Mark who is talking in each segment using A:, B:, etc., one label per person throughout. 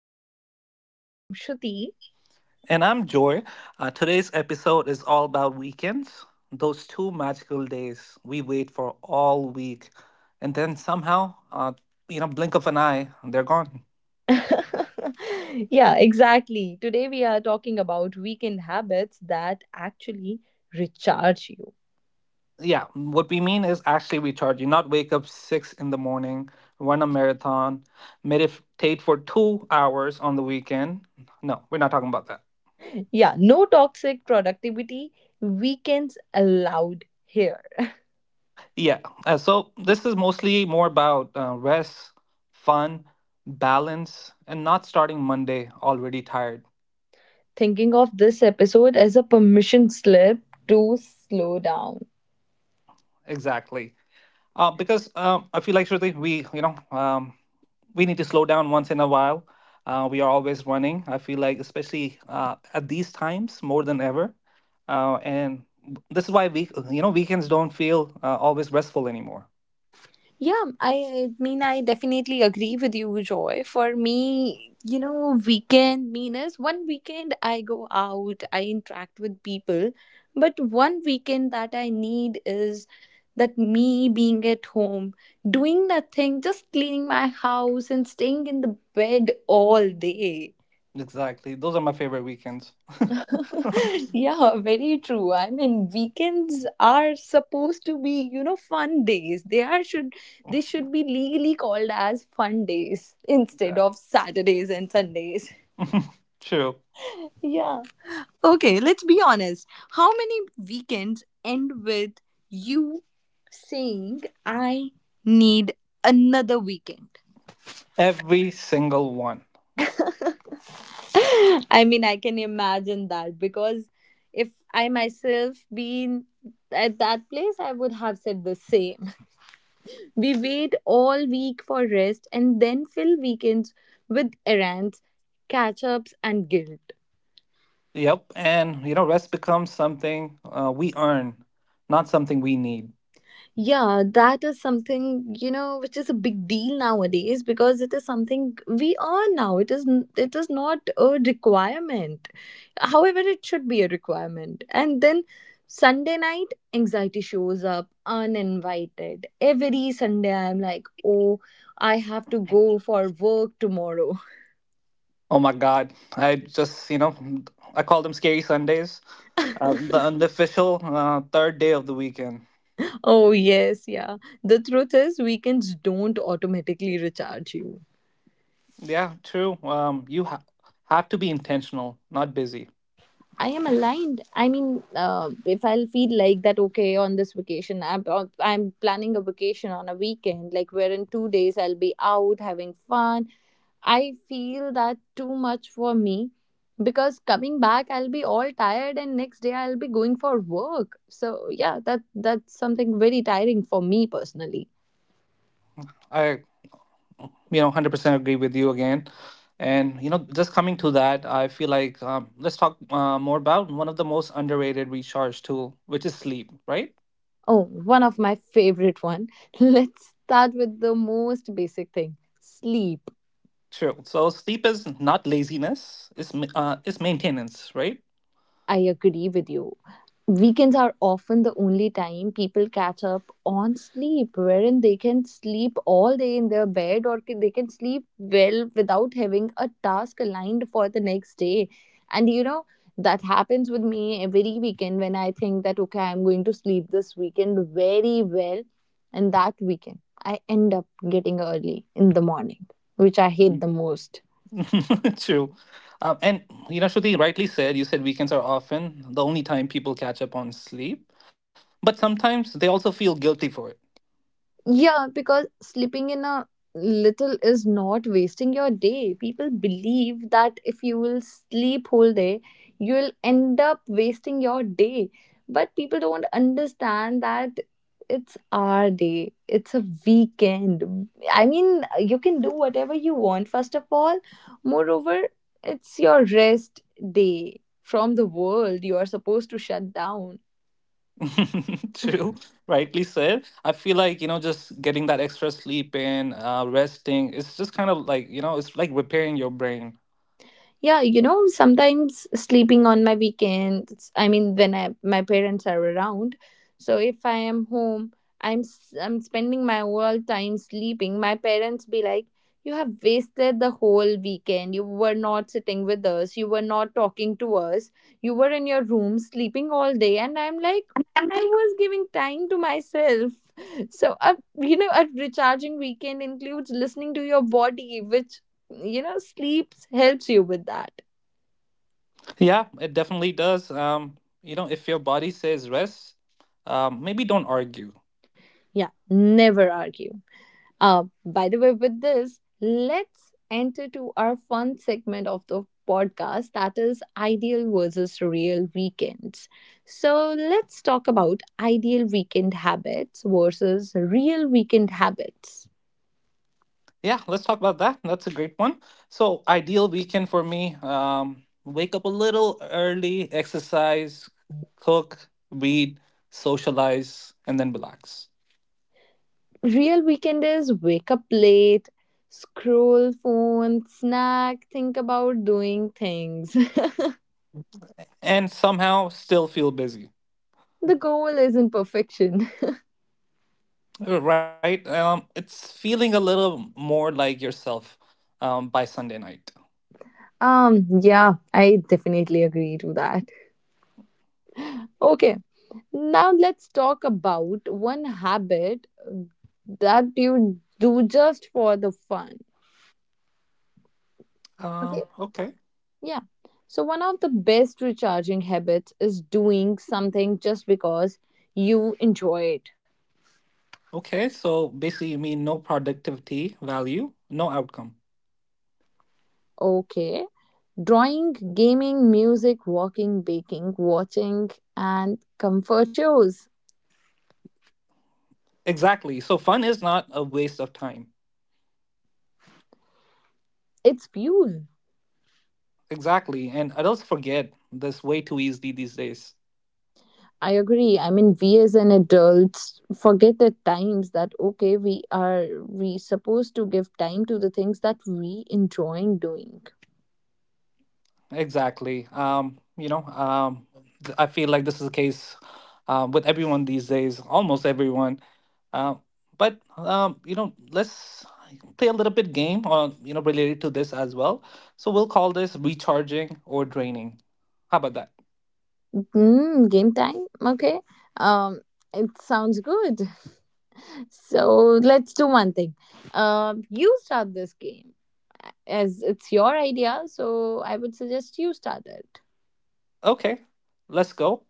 A: podcast. I am Shruti.
B: And I'm Joy. Today's episode is all about weekends, those two magical days we wait for all week. And then somehow, blink of an eye, they're gone.
A: Yeah, exactly. Today, we are talking about weekend habits that actually recharge you.
B: Yeah, what we mean is actually recharge. You not wake up six in the morning, run a marathon, meditate for 2 hours on the weekend. No, we're not talking about that.
A: Yeah, no toxic productivity, weekends allowed here.
B: Yeah, so this is mostly more about rest, fun, balance, and not starting Monday already tired.
A: Thinking of this episode as a permission slip to slow down.
B: Exactly. Because I feel like Shruti, we you know we need to slow down once in a while. We are always running. I feel like especially at these times more than ever, and this is why we you know weekends don't feel always restful anymore.
A: Yeah, I mean, I definitely agree with you, Joy. For me, you know, weekend means one weekend I go out, I interact with people, but one weekend that I need is that me being at home, doing nothing, just cleaning my house and staying in the bed all day.
B: Exactly. Those are my favorite weekends.
A: Yeah, very true. I mean, weekends are supposed to be, you know, fun days. They are should they should be legally called as fun days instead
B: yeah.
A: of Saturdays and Sundays.
B: True.
A: Yeah. Okay, let's be honest. How many weekends end with you saying I need another weekend?
B: Every single one.
A: I mean, I can imagine that because if I myself been at that place, I would have said the same. We wait all week for rest and then fill weekends with errands, catch ups, and guilt.
B: Yep. And you know rest becomes something we earn, not something we need.
A: Yeah, that is something, you know, which is a big deal nowadays because it is something we are now. It is not a requirement. However, it should be a requirement. And then Sunday night anxiety shows up uninvited. Every Sunday I'm like, "Oh, I have to go for work tomorrow."
B: Oh my God. I just, you know, I call them scary Sundays. The unofficial third day of the weekend.
A: Oh, yes, yeah. The truth is weekends don't automatically recharge you.
B: Yeah, true. You have to be intentional, not busy.
A: I am aligned. I mean, if I'll feel like that, okay, on this vacation, I'm planning a vacation on a weekend, like where in two days I'll be out having fun. I feel that too much for me because coming back I'll be all tired, and next day I'll be going for work. So yeah, that's something very tiring for me personally.
B: I, you know, 100% agree with you again. And, you know, just coming to that, I feel like let's talk more about one of the most underrated recharge tool, which is sleep, right?
A: Oh, one of my favorite one. Let's start with the most basic thing, sleep.
B: True. So sleep is not laziness, it's maintenance, right?
A: I agree with you. Weekends are often the only time people catch up on sleep wherein they can sleep all day in their bed they can sleep well without having a task aligned for the next day, and you know that happens with me every weekend when I think that okay I'm going to sleep this weekend very well, and that weekend I end up getting early in the morning, which I hate the most.
B: True. And you know, Shruti rightly said, you said weekends are often the only time people catch up on sleep, but sometimes they also feel guilty for it.
A: Yeah, because sleeping in a little is not wasting your day. People believe that if you will sleep whole day, you'll end up wasting your day. But people don't understand that it's our day. It's a weekend. I mean, you can do whatever you want first of all. Moreover, it's your rest day from the world. You are supposed to shut down.
B: True. Rightly said. I feel like, you know, just getting that extra sleep in, resting, it's just kind of like, you know, it's like repairing your brain.
A: Yeah, you know, sometimes sleeping on my weekends, I mean when I my parents are around. So if I am home, I'm spending my whole time sleeping. My parents be like, "You have wasted the whole weekend. You were not sitting with us. You were not talking to us. You were in your room sleeping all day." And I'm like, "I
B: I'm like,
A: was giving time to myself." So, a, you know, a recharging weekend includes listening to your body, which you know sleeps helps you with that.
B: Yeah, it definitely does. You know, if your body says rest, maybe don't argue.
A: Yeah, never argue, by the way. With this, let's enter to our fun segment of the podcast, that is ideal versus real weekends. So let's talk about ideal weekend habits versus real weekend habits.
B: Yeah, let's talk about that. That's a great one. So, ideal weekend for me, wake up a little early, exercise, cook, read, socialize, and then relax.
A: Real weekend is wake up late, scroll phone, snack, think about doing things.
B: And somehow still feel busy.
A: The goal isn't perfection.
B: Right? It's feeling a little more like yourself by Sunday night.
A: Yeah, I definitely agree to that. Okay, now let's talk about one habit that you do just for the fun.
B: Um,
A: Okay,
B: okay.
A: yeah. So, one of the best recharging habits is doing something just because you enjoy it.
B: Okay, so basically you mean no productivity value, no outcome.
A: Okay, drawing, gaming, music, walking, baking, watching, and comfort shows.
B: Exactly. So fun is not a waste of time.
A: It's fuel.
B: Exactly. And adults forget this way too easily these days.
A: I agree. I mean, we as an adults forget at times that okay, we supposed to give time to the things that we enjoying doing.
B: Exactly. I feel like this is the case with everyone these days, almost everyone. Uh, but you know, let's play a little bit game on you know related to this as well. So we'll call this recharging or draining. How about that?
A: Mm, game time. Okay. Um, it sounds good. So let's do one thing. You start this game as it's your idea. So I would suggest you start it.
B: Okay, let's go.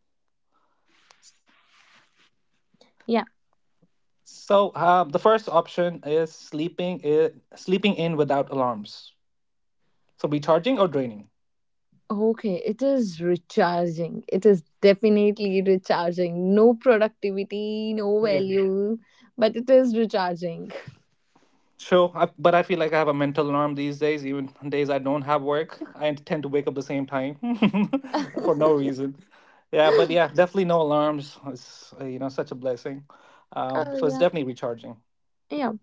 A: Yeah.
B: So the first option is sleeping in without alarms. So recharging or draining.
A: Okay, it is recharging. It is definitely recharging. No productivity, no
B: Yeah.
A: value, but it is recharging.
B: Sure, I, but I feel like I have a mental alarm these days. Even on days I don't have work, I tend to wake up the same time. For no reason. Yeah, but yeah, definitely no alarms. It's you know such a blessing. Um,
A: Oh
B: so it's
A: yeah,
B: definitely recharging.
A: yeah.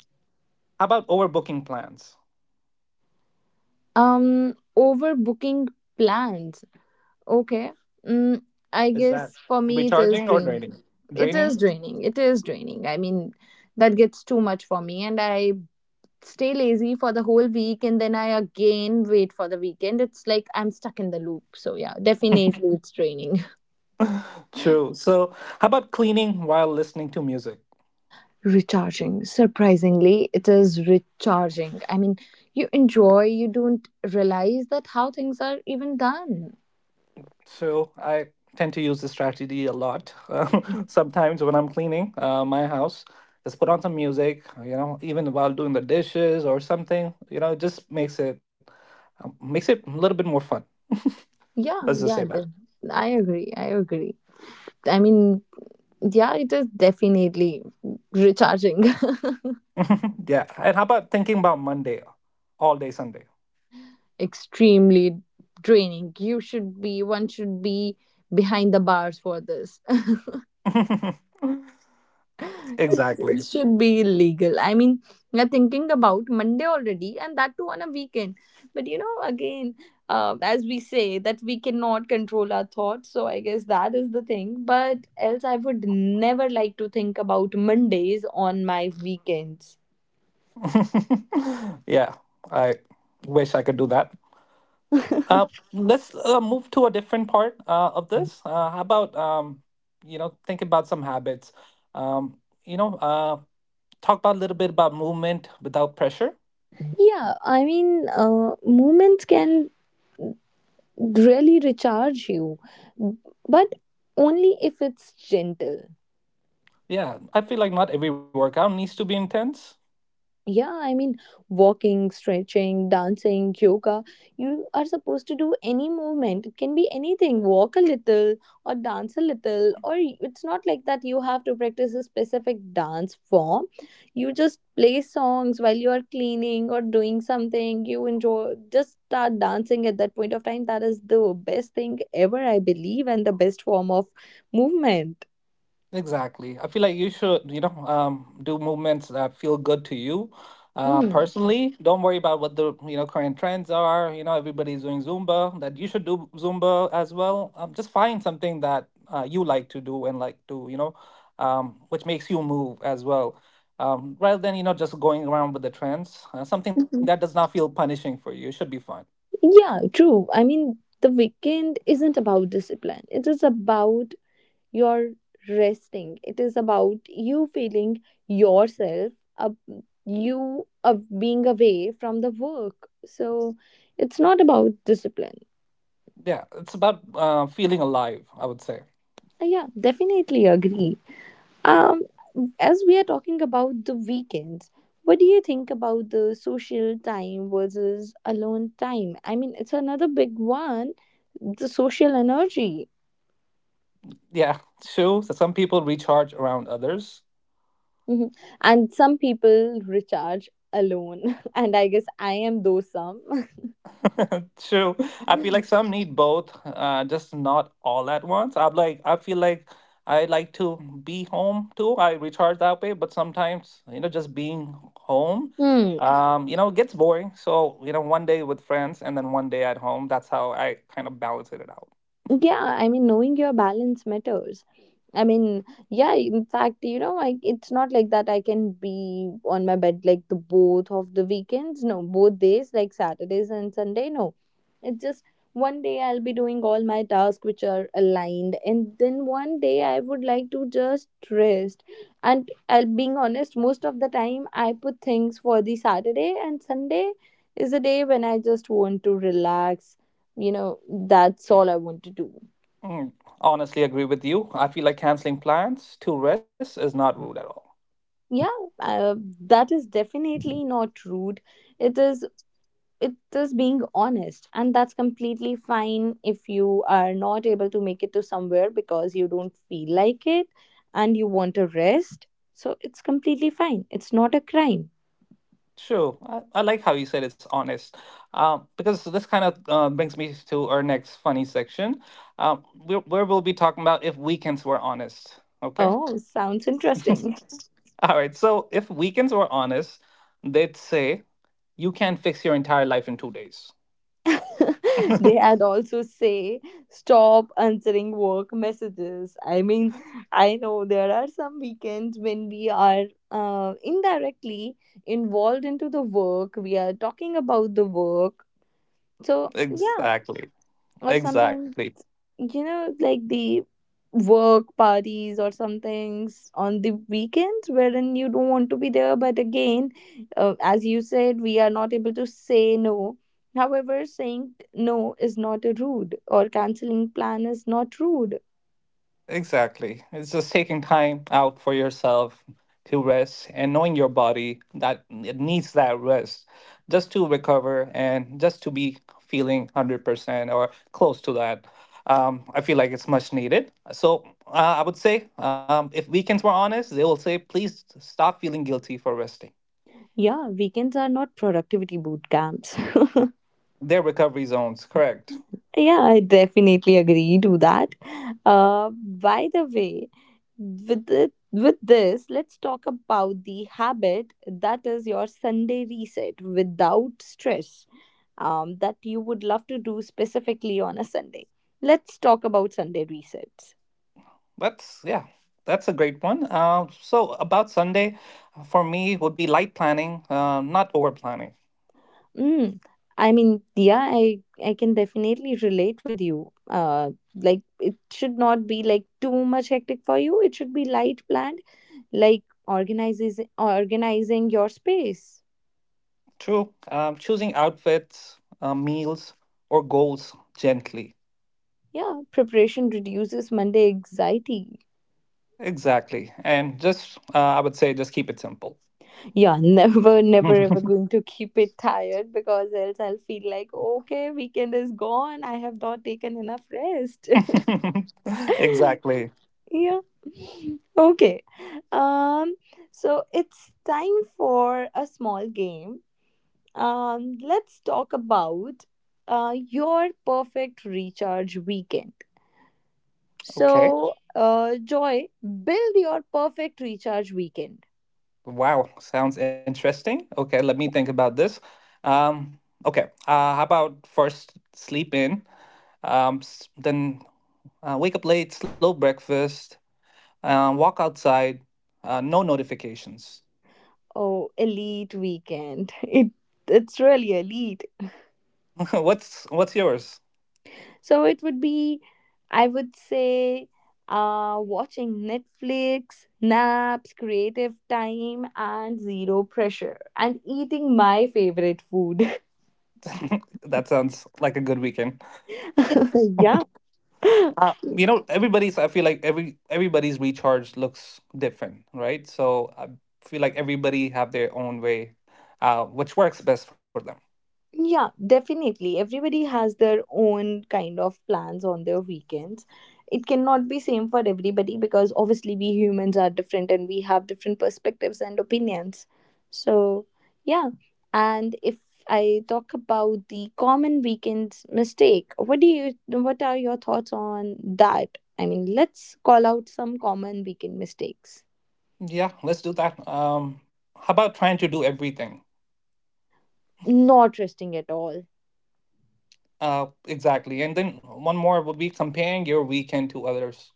B: How about overbooking plans?
A: Overbooking plans. Okay. Mm, I
B: Is that
A: guess for me it is
B: recharging or
A: draining.
B: draining?
A: It is
B: Draining.
A: draining. It is draining. I mean, that gets too much for me, and I stay lazy for the whole week, and then I again wait for the weekend. It's like I'm stuck in the loop. So yeah, definitely it's draining.
B: True. So how about cleaning while listening to music?
A: Recharging, surprisingly it is recharging. I mean, you enjoy, you don't realize that how things are even done.
B: So I tend to use this strategy a lot. Sometimes when I'm cleaning my house, just put on some music, you know, even while doing the dishes or something, you know, it just makes it a little bit more fun.
A: yeah
B: Let's just
A: yeah
B: say that.
A: the, I agree, I agree. I mean, yeah, it is definitely recharging.
B: yeah. And how about thinking about Monday all day Sunday?
A: Extremely draining. You should be One should be behind the bars for this. It
B: exactly.
A: should be illegal. I mean, we are thinking about Monday already, and that too on a weekend. But you know, again, as we say, that we cannot control our thoughts. So I guess that is the thing. But else, I would never like to think about Mondays on my weekends.
B: yeah. I wish I could do that. Uh, let's move to a different part of this. How about think about some habits. Um, you know, uh, talk about a little bit about movement without pressure.
A: Yeah, I mean, moments can really recharge you, but only if it's gentle.
B: Yeah, I feel like not every workout needs to be intense.
A: Yeah, I mean, walking, stretching, dancing, yoga, you are supposed to do any movement. It can be anything. Walk a little or dance a little it's not like that you have to practice a specific dance form. You just play songs while you are cleaning or doing something you enjoy, just start dancing at that point of time. That is the best thing ever, I believe, and the best form of movement.
B: Exactly. I feel like you should, you know, do movements that feel good to you.
A: Hmm.
B: Personally, don't worry about what the, you know, current trends are. You know, everybody's doing Zumba, that you should do Zumba as well. Just find something that you like to do and like to, you know, which makes you move as well. Rather than, you know, just going around with the trends, something that does not feel punishing for you should be fun.
A: Yeah, true. I mean, the weekend isn't about discipline. It is about your resting. It is about you feeling yourself, up, you of being away from the work. So it's not about discipline.
B: Yeah, it's about feeling alive, I would say.
A: Yeah, definitely agree. Um, as we are talking about the weekends, what do you think about the social time versus alone time? I mean, it's another big one, the social energy.
B: Yeah, true. So some people recharge around others.
A: Mhm. And some people recharge alone, and I guess I am those some.
B: True. I feel like some need both, just not all at once. I feel like I like to be home too. I recharge that way, but sometimes, you know, just being home,
A: Hmm.
B: you know, gets boring. So, you know, one day with friends and then one day at home. That's how I kind of balance it out.
A: Yeah, I mean, knowing your balance matters. I mean, yeah, in fact, you know, like it's not like that I can be on my bed like the both of the weekends, no, both days like Saturdays and Sunday, no. It's just one day I'll be doing all my tasks which are aligned, and then one day I would like to just rest. And I'll being honest, most of the time I put things for the Saturday, and Sunday is a day when I just want to relax, you know, that's all I want to do.
B: Mm, honestly agree with you. I feel like canceling plans to rest is not rude at all.
A: Yeah, that is definitely not rude. it is it is being honest, and that's completely fine. If you are not able to make it to somewhere because you don't feel like it and you want to rest, so it's completely fine. It's not a crime.
B: True. I like how you said it's honest. Because this kind of brings me to our next funny section, where we'll be talking about if weekends were honest. Okay.
A: Oh, sounds interesting.
B: All right. So if weekends were honest, they'd say you can fix your entire life in 2 days.
A: They had also say stop answering work messages. I mean, I know there are some weekends when we are indirectly involved into the work, we are talking about the work, so yeah.
B: Exactly.
A: Or sometimes,
B: Exactly.
A: you know, like the work parties or some things on the weekends wherein you don't want to be there. But again, as you said, we are not able to say no. However, saying no is not a rude, or canceling plan is not rude.
B: Exactly. It's just taking time out for yourself to rest and knowing your body that it needs that rest just to recover and just to be feeling 100% or close to that. I feel like it's much needed. So I would say if weekends were honest, they will say, please stop feeling guilty for resting.
A: Yeah, weekends are not productivity boot camps.
B: They're recovery zones, correct.
A: Yeah, I definitely agree to that. By the way, with this, let's talk about the habit that is your Sunday reset without stress. That you would love to do specifically on a Sunday. Let's talk about Sunday resets.
B: That's, yeah, that's a great one. So about Sunday, for me, would be light planning, not over planning.
A: Mm. I mean, yeah, I can definitely relate with you. Like it should not be like too much hectic for you. It should be light planned, like organizes organizing your space.
B: True. Choosing outfits, meals, or goals gently.
A: Yeah, preparation reduces Monday anxiety.
B: Exactly. And just, I would say, just keep it simple.
A: Yeah, never, never, ever going to keep it tired because else I'll feel like okay, weekend is gone. I have not taken enough rest.
B: Exactly.
A: Yeah, okay. um so it's time for a small game. Let's talk about your perfect recharge weekend.
B: Okay.
A: So Joy, build your perfect recharge weekend.
B: Wow. Sounds interesting. Okay. Let me think about this. Um, okay. How about first sleep in, then wake up late, slow breakfast, walk outside, no notifications.
A: Oh, elite weekend. It's really elite.
B: What's yours?
A: So it would be, I would say, watching Netflix, naps, creative time, and zero pressure, and eating my favorite food.
B: That sounds like a good weekend.
A: Yeah.
B: You know, everybody's. I feel like everybody's recharge looks different, right? So I feel like everybody have their own way, which works best for them.
A: Yeah, definitely. Everybody has their own kind of plans on their weekends. It cannot be same for everybody because obviously we humans are different and we have different perspectives and opinions. So, yeah. And if I talk about the common weekend mistake, what are your thoughts on that? I mean, let's call out some common weekend mistakes.
B: Yeah, let's do that. How about trying to do everything?
A: Not resting at all.
B: Exactly. And then one more would be comparing your weekend to others.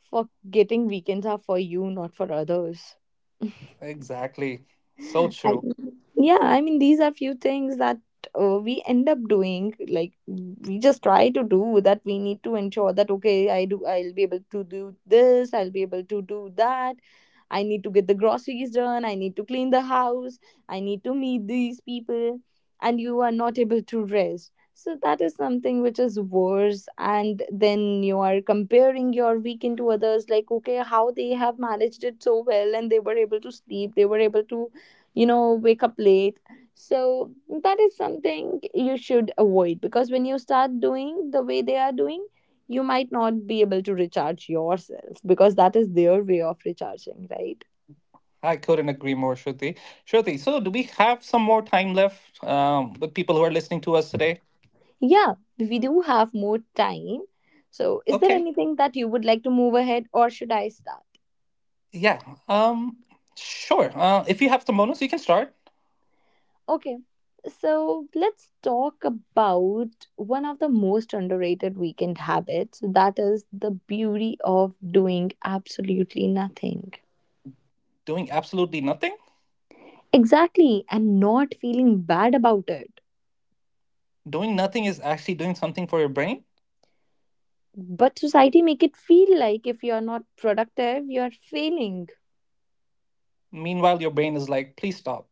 A: Forgetting weekends are for you, not for others.
B: Exactly. So true.
A: And yeah, I mean these are few things that we end up doing. Like we just try to do that. We need to ensure that, okay, I'll be able to do this, I'll be able to do that, I need to get the groceries done, I need to clean the house, I need to meet these people, and you are not able to rest. So that is something which is worse. And then you are comparing your weekend to others, like okay, how they have managed it so well, and they were able to sleep, they were able to, wake up late. So that is something you should avoid, because when you start doing the way they are doing, you might not be able to recharge yourself, because that is their way of recharging, right?
B: I couldn't agree more, Shruti. Shruti, so do we have some more time left with people who are listening to us today?
A: Yeah, we do have more time. So, is there
B: Okay.
A: anything that you would like to move ahead, or should I start?
B: Yeah. Um. Sure. If you have some bonus, you can start
A: Okay. So let's talk about one of the most underrated weekend habits, that is the beauty of doing absolutely nothing.
B: doing absolutely nothing.
A: Exactly, and not feeling bad about it.
B: Doing nothing is actually doing something for your brain.
A: But society make it feel like if you are not productive, you are failing.
B: Meanwhile, your brain is like, please stop.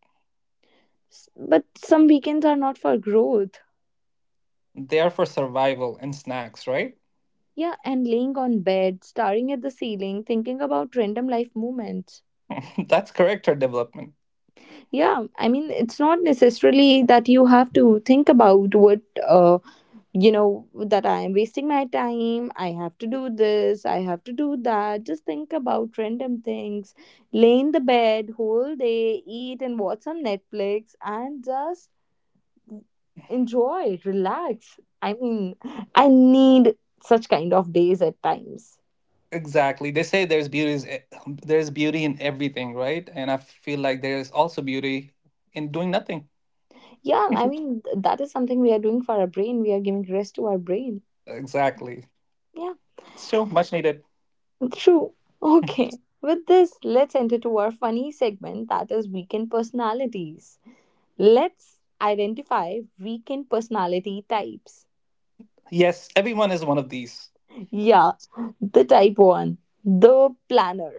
A: But some weekends are not for growth.
B: They are for survival and snacks, right?
A: Yeah, and laying on bed, staring at the ceiling, thinking about random life moments.
B: That's character development.
A: Yeah, I mean, it's not necessarily that you have to think about what uh, you know that I am wasting my time, I have to do this, I have to do that. Just think about random things, lay in the bed whole day, eat and watch some Netflix, and just enjoy, relax. I mean, I need such kind of days at times.
B: Exactly. They say there's beauty in everything, right? And I feel like there is also beauty in doing nothing.
A: Yeah, I mean, that is something we are doing for our brain. We are giving rest to our brain.
B: Exactly.
A: Yeah,
B: So much needed.
A: true. Okay, with this, let's enter to our funny segment, that is weekend personalities. Let's identify weekend personality types.
B: Yes, everyone is one of these.
A: Yeah, the type one, the planner.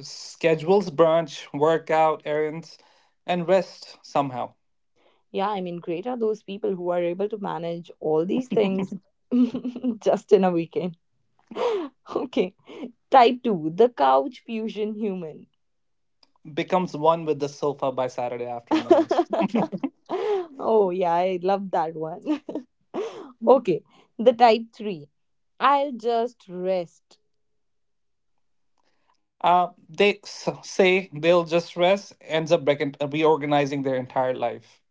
B: Schedules brunch, workout, errands, and rest somehow.
A: Yeah, I mean, great are those people who are able to manage all these things just in a weekend. Okay, type two, the couch fusion human.
B: Becomes one with the sofa by Saturday afternoon.
A: Oh, yeah, I love that one. Okay, the type three, I'll just rest.
B: They say they'll just rest, ends up reorganizing their entire life.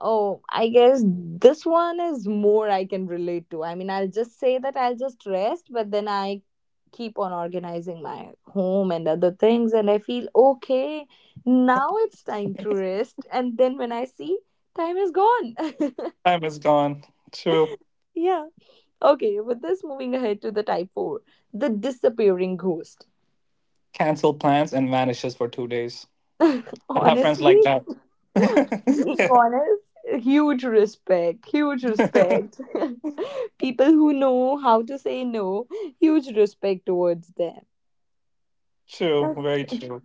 A: Oh, I guess this one is more I can relate to. I mean, I'll just say that I'll just rest, but then I keep on organizing my home and other things, and I feel okay, now it's time to rest. And then when I see, time is gone.
B: Time is gone. True.
A: Yeah. Okay, with this, moving ahead to the type 4, the disappearing ghost.
B: Cancel plans and vanishes for 2 days. I have friends like
A: Honestly,
B: that.
A: being honest, huge respect, huge respect. People who know how to say no, huge respect towards them.
B: true. Very true.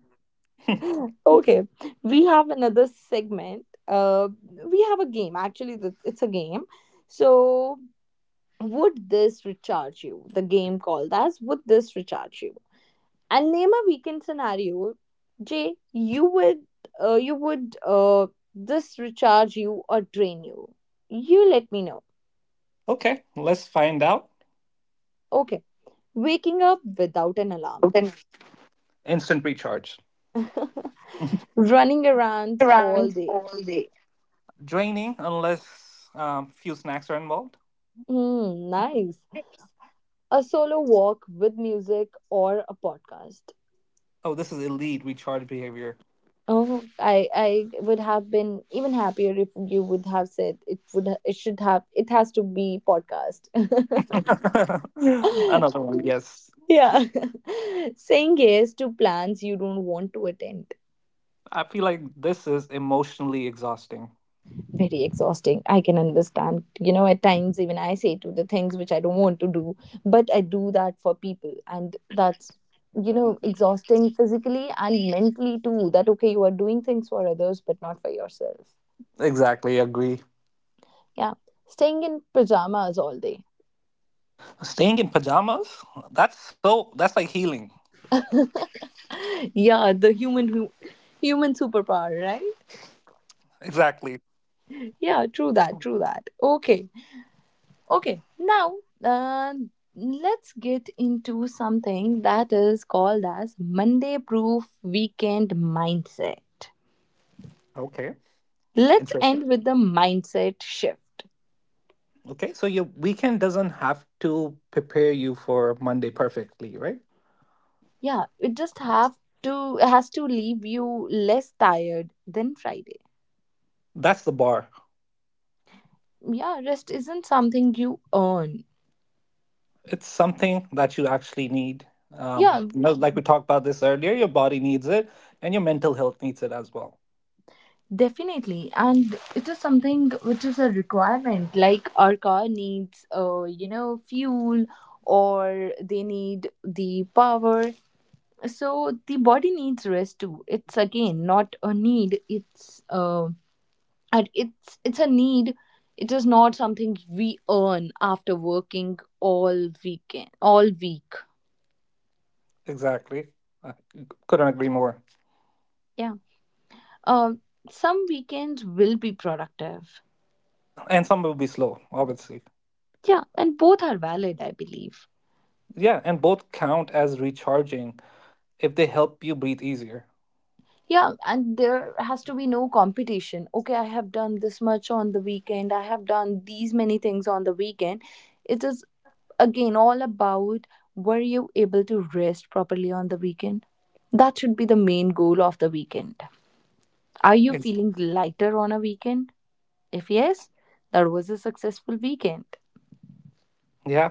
A: Okay, we have another segment. We have a game. Actually, it's a game. So, would this recharge you? The game called as Would This Recharge You? And name a weekend scenario. Jay, uh, you would, uh, this recharge you or drain you? You let me know.
B: Okay, let's find out.
A: Okay, waking up without an alarm.
B: Been Instant recharge.
A: Running around all
B: Around
A: day.
B: all day. Draining unless few snacks are involved.
A: Hmm, nice. A solo walk with music or a podcast.
B: Oh, this is elite recharge behavior.
A: Oh, I would have been even happier if you would have said it, would it should have it has to be podcast.
B: Another one, yes.
A: Yeah. Saying yes to plans you don't want to attend,
B: I feel like this is emotionally exhausting.
A: very exhausting. I can understand. You know, at times even I say to the things which I don't want to do, but I do that for people. And that's, you know, exhausting physically and mentally too. That, okay, you are doing things for others, but not for yourself.
B: Exactly, agree.
A: Yeah. Staying in pajamas all day.
B: Staying in pajamas? That's so, that's like healing.
A: Yeah. The human, human superpower, right?
B: Exactly.
A: Yeah. True that. True that. Okay. Okay, now, uh, let's get into something that is called as Monday proof weekend mindset.
B: Okay.
A: Let's
B: Interesting.
A: end with the mindset shift.
B: Okay, so your weekend doesn't have to prepare you for Monday perfectly, right?
A: Yeah, it just have to has to leave you less tired than Friday.
B: That's the bar.
A: Yeah, rest isn't something you earn.
B: It's something that you actually need.
A: Yeah,
B: You know, like we talked about this earlier, your body needs it and your mental health needs it as well.
A: definitely, and it is something which is a requirement. Like our car needs, fuel, or they need the power. So the body needs rest too. It's again not a need. It's and It's a need. It is not something we earn after working all weekend, all week.
B: Exactly. I couldn't agree more.
A: Yeah. Um. Some weekends will be productive.
B: And some will be slow, obviously.
A: Yeah, and both are valid, I believe.
B: Yeah, and both count as recharging if they help you breathe easier.
A: Yeah, and there has to be no competition. Okay, I have done this much on the weekend, I have done these many things on the weekend. It is again all about, were you able to rest properly on the weekend? That should be the main goal of the weekend. Are you feeling lighter on a weekend? If yes, that was a successful weekend.
B: Yeah.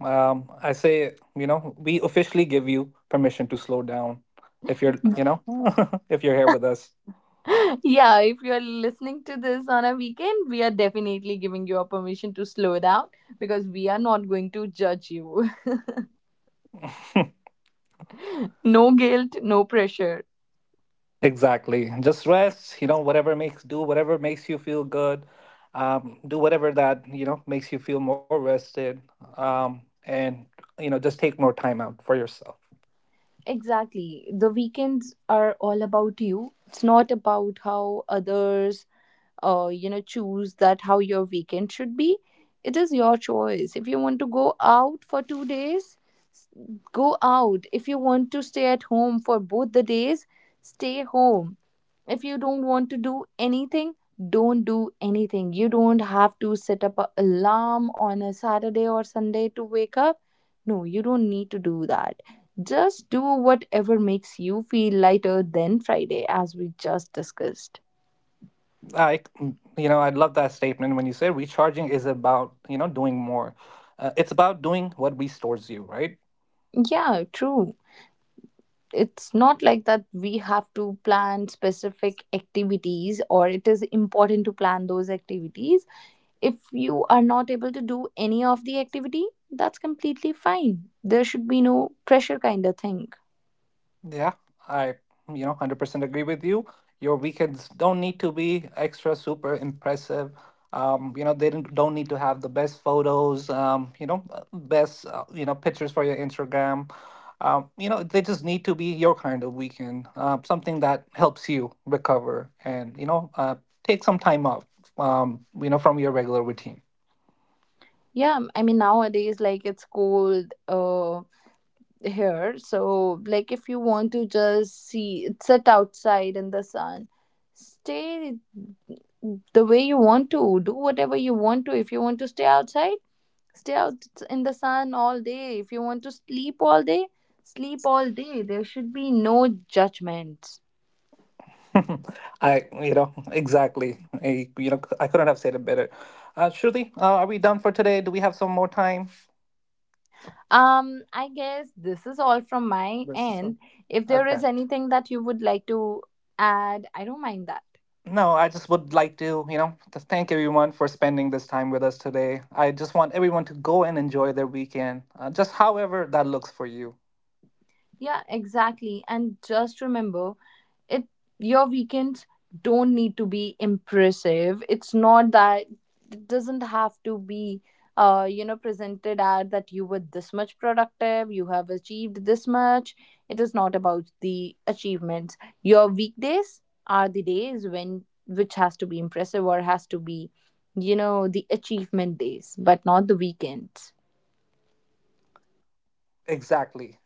B: I say, you know, we officially give you permission to slow down if you're, you know, if you're here with us.
A: Yeah, if you're listening to this on a weekend, we are definitely giving you a permission to slow down, because we are not going to judge you. No guilt, no pressure.
B: Exactly. Just rest, you know, whatever makes do whatever makes you feel good. Do whatever that, you know, makes you feel more rested. And you know, just take more time out for yourself.
A: Exactly. The weekends are all about you. It's not about how others, choose that how your weekend should be. It is your choice. If you want to go out for two days, s- go out. If you want to stay at home for both the days, stay home. If you don't want to do anything, don't do anything. You don't have to set up an alarm on a Saturday or Sunday to wake up. No, you don't need to do that. Just do whatever makes you feel lighter than Friday, as we just discussed.
B: I, you know, I love that statement when you say recharging is about, you know, doing more. It's about doing what restores you, right?
A: Yeah, true. It's not like that we have to plan specific activities, or it is important to plan those activities. If you are not able to do any of the activity, that's completely fine. There should be no pressure kind of thing.
B: Yeah, I, you know, 100% agree with you. Your weekends don't need to be extra super impressive. You know, they don't need to have the best photos, best, you know, pictures for your Instagram. You know, they just need to be your kind of weekend, something that helps you recover and, you know, take some time off, you know, from your regular routine.
A: Yeah, I mean, nowadays, like it's cold here, so like if you want to just see sit outside in the sun, stay the way you want to, do whatever you want to. If you want to stay outside, stay out in the sun all day. If you want to sleep all day, sleep all day. There should be no judgment.
B: I, you know, exactly. I, you know, I couldn't have said it better. Shruti, are we done for today? Do we have some more time?
A: I guess this is all from my
B: This is all.
A: end. If there
B: Okay.
A: is anything that you would like to add, I don't mind that.
B: No, I just would like to, you know, to thank everyone for spending this time with us today. I just want everyone to go and enjoy their weekend, just however that looks for you.
A: Yeah, exactly. And just remember it your weekends don't need to be impressive. It's not that it doesn't have to be, presented at that you were this much productive, you have achieved this much. It is not about the achievements. Your weekdays are the days when which has to be impressive, or has to be, you know, the achievement days, but not the weekends.
B: Exactly.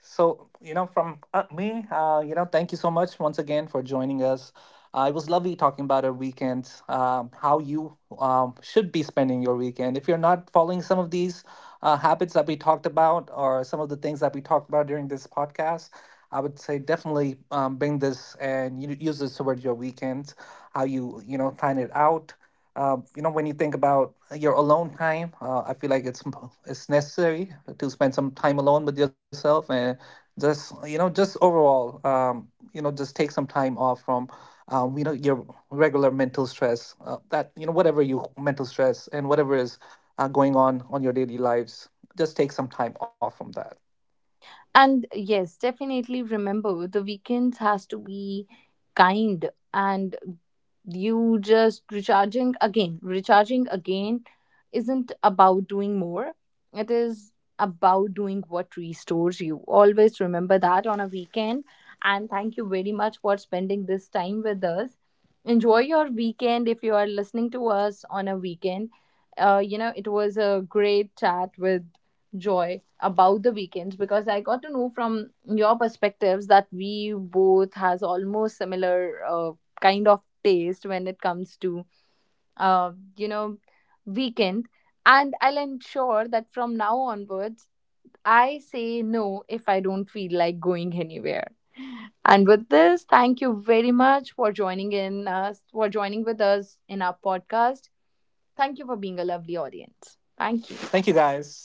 B: So, you know, from me, you know, thank you so much once again for joining us. It was lovely talking about our weekend, how you should be spending your weekend. If you're not following some of these habits that we talked about or some of the things that we talked about during this podcast, I would say definitely bring this and you use this toward your weekend, how you, you know, plan it out. You know, when you think about your alone time, I feel like it's necessary to spend some time alone with yourself and just you know just overall you know just take some time off from you know your regular mental stress that you know whatever you mental stress and whatever is going on your daily lives. Just take some time off from that.
A: And yes, definitely remember, the weekends has to be kind, and you just recharging again. Recharging again isn't about doing more, it is about doing what restores you. Always remember that on a weekend. And thank you very much for spending this time with us. Enjoy your weekend if you are listening to us on a weekend. You know, it was a great chat with Joy about the weekends, because I got to know from your perspectives that we both has almost similar kind of taste when it comes to, uh, you know weekend. And I'll ensure that from now onwards, I say no if I don't feel like going anywhere. And with this, thank you very much for joining with us in our podcast. Thank you for being a lovely audience. Thank
B: Thank you,
A: you.
B: guys.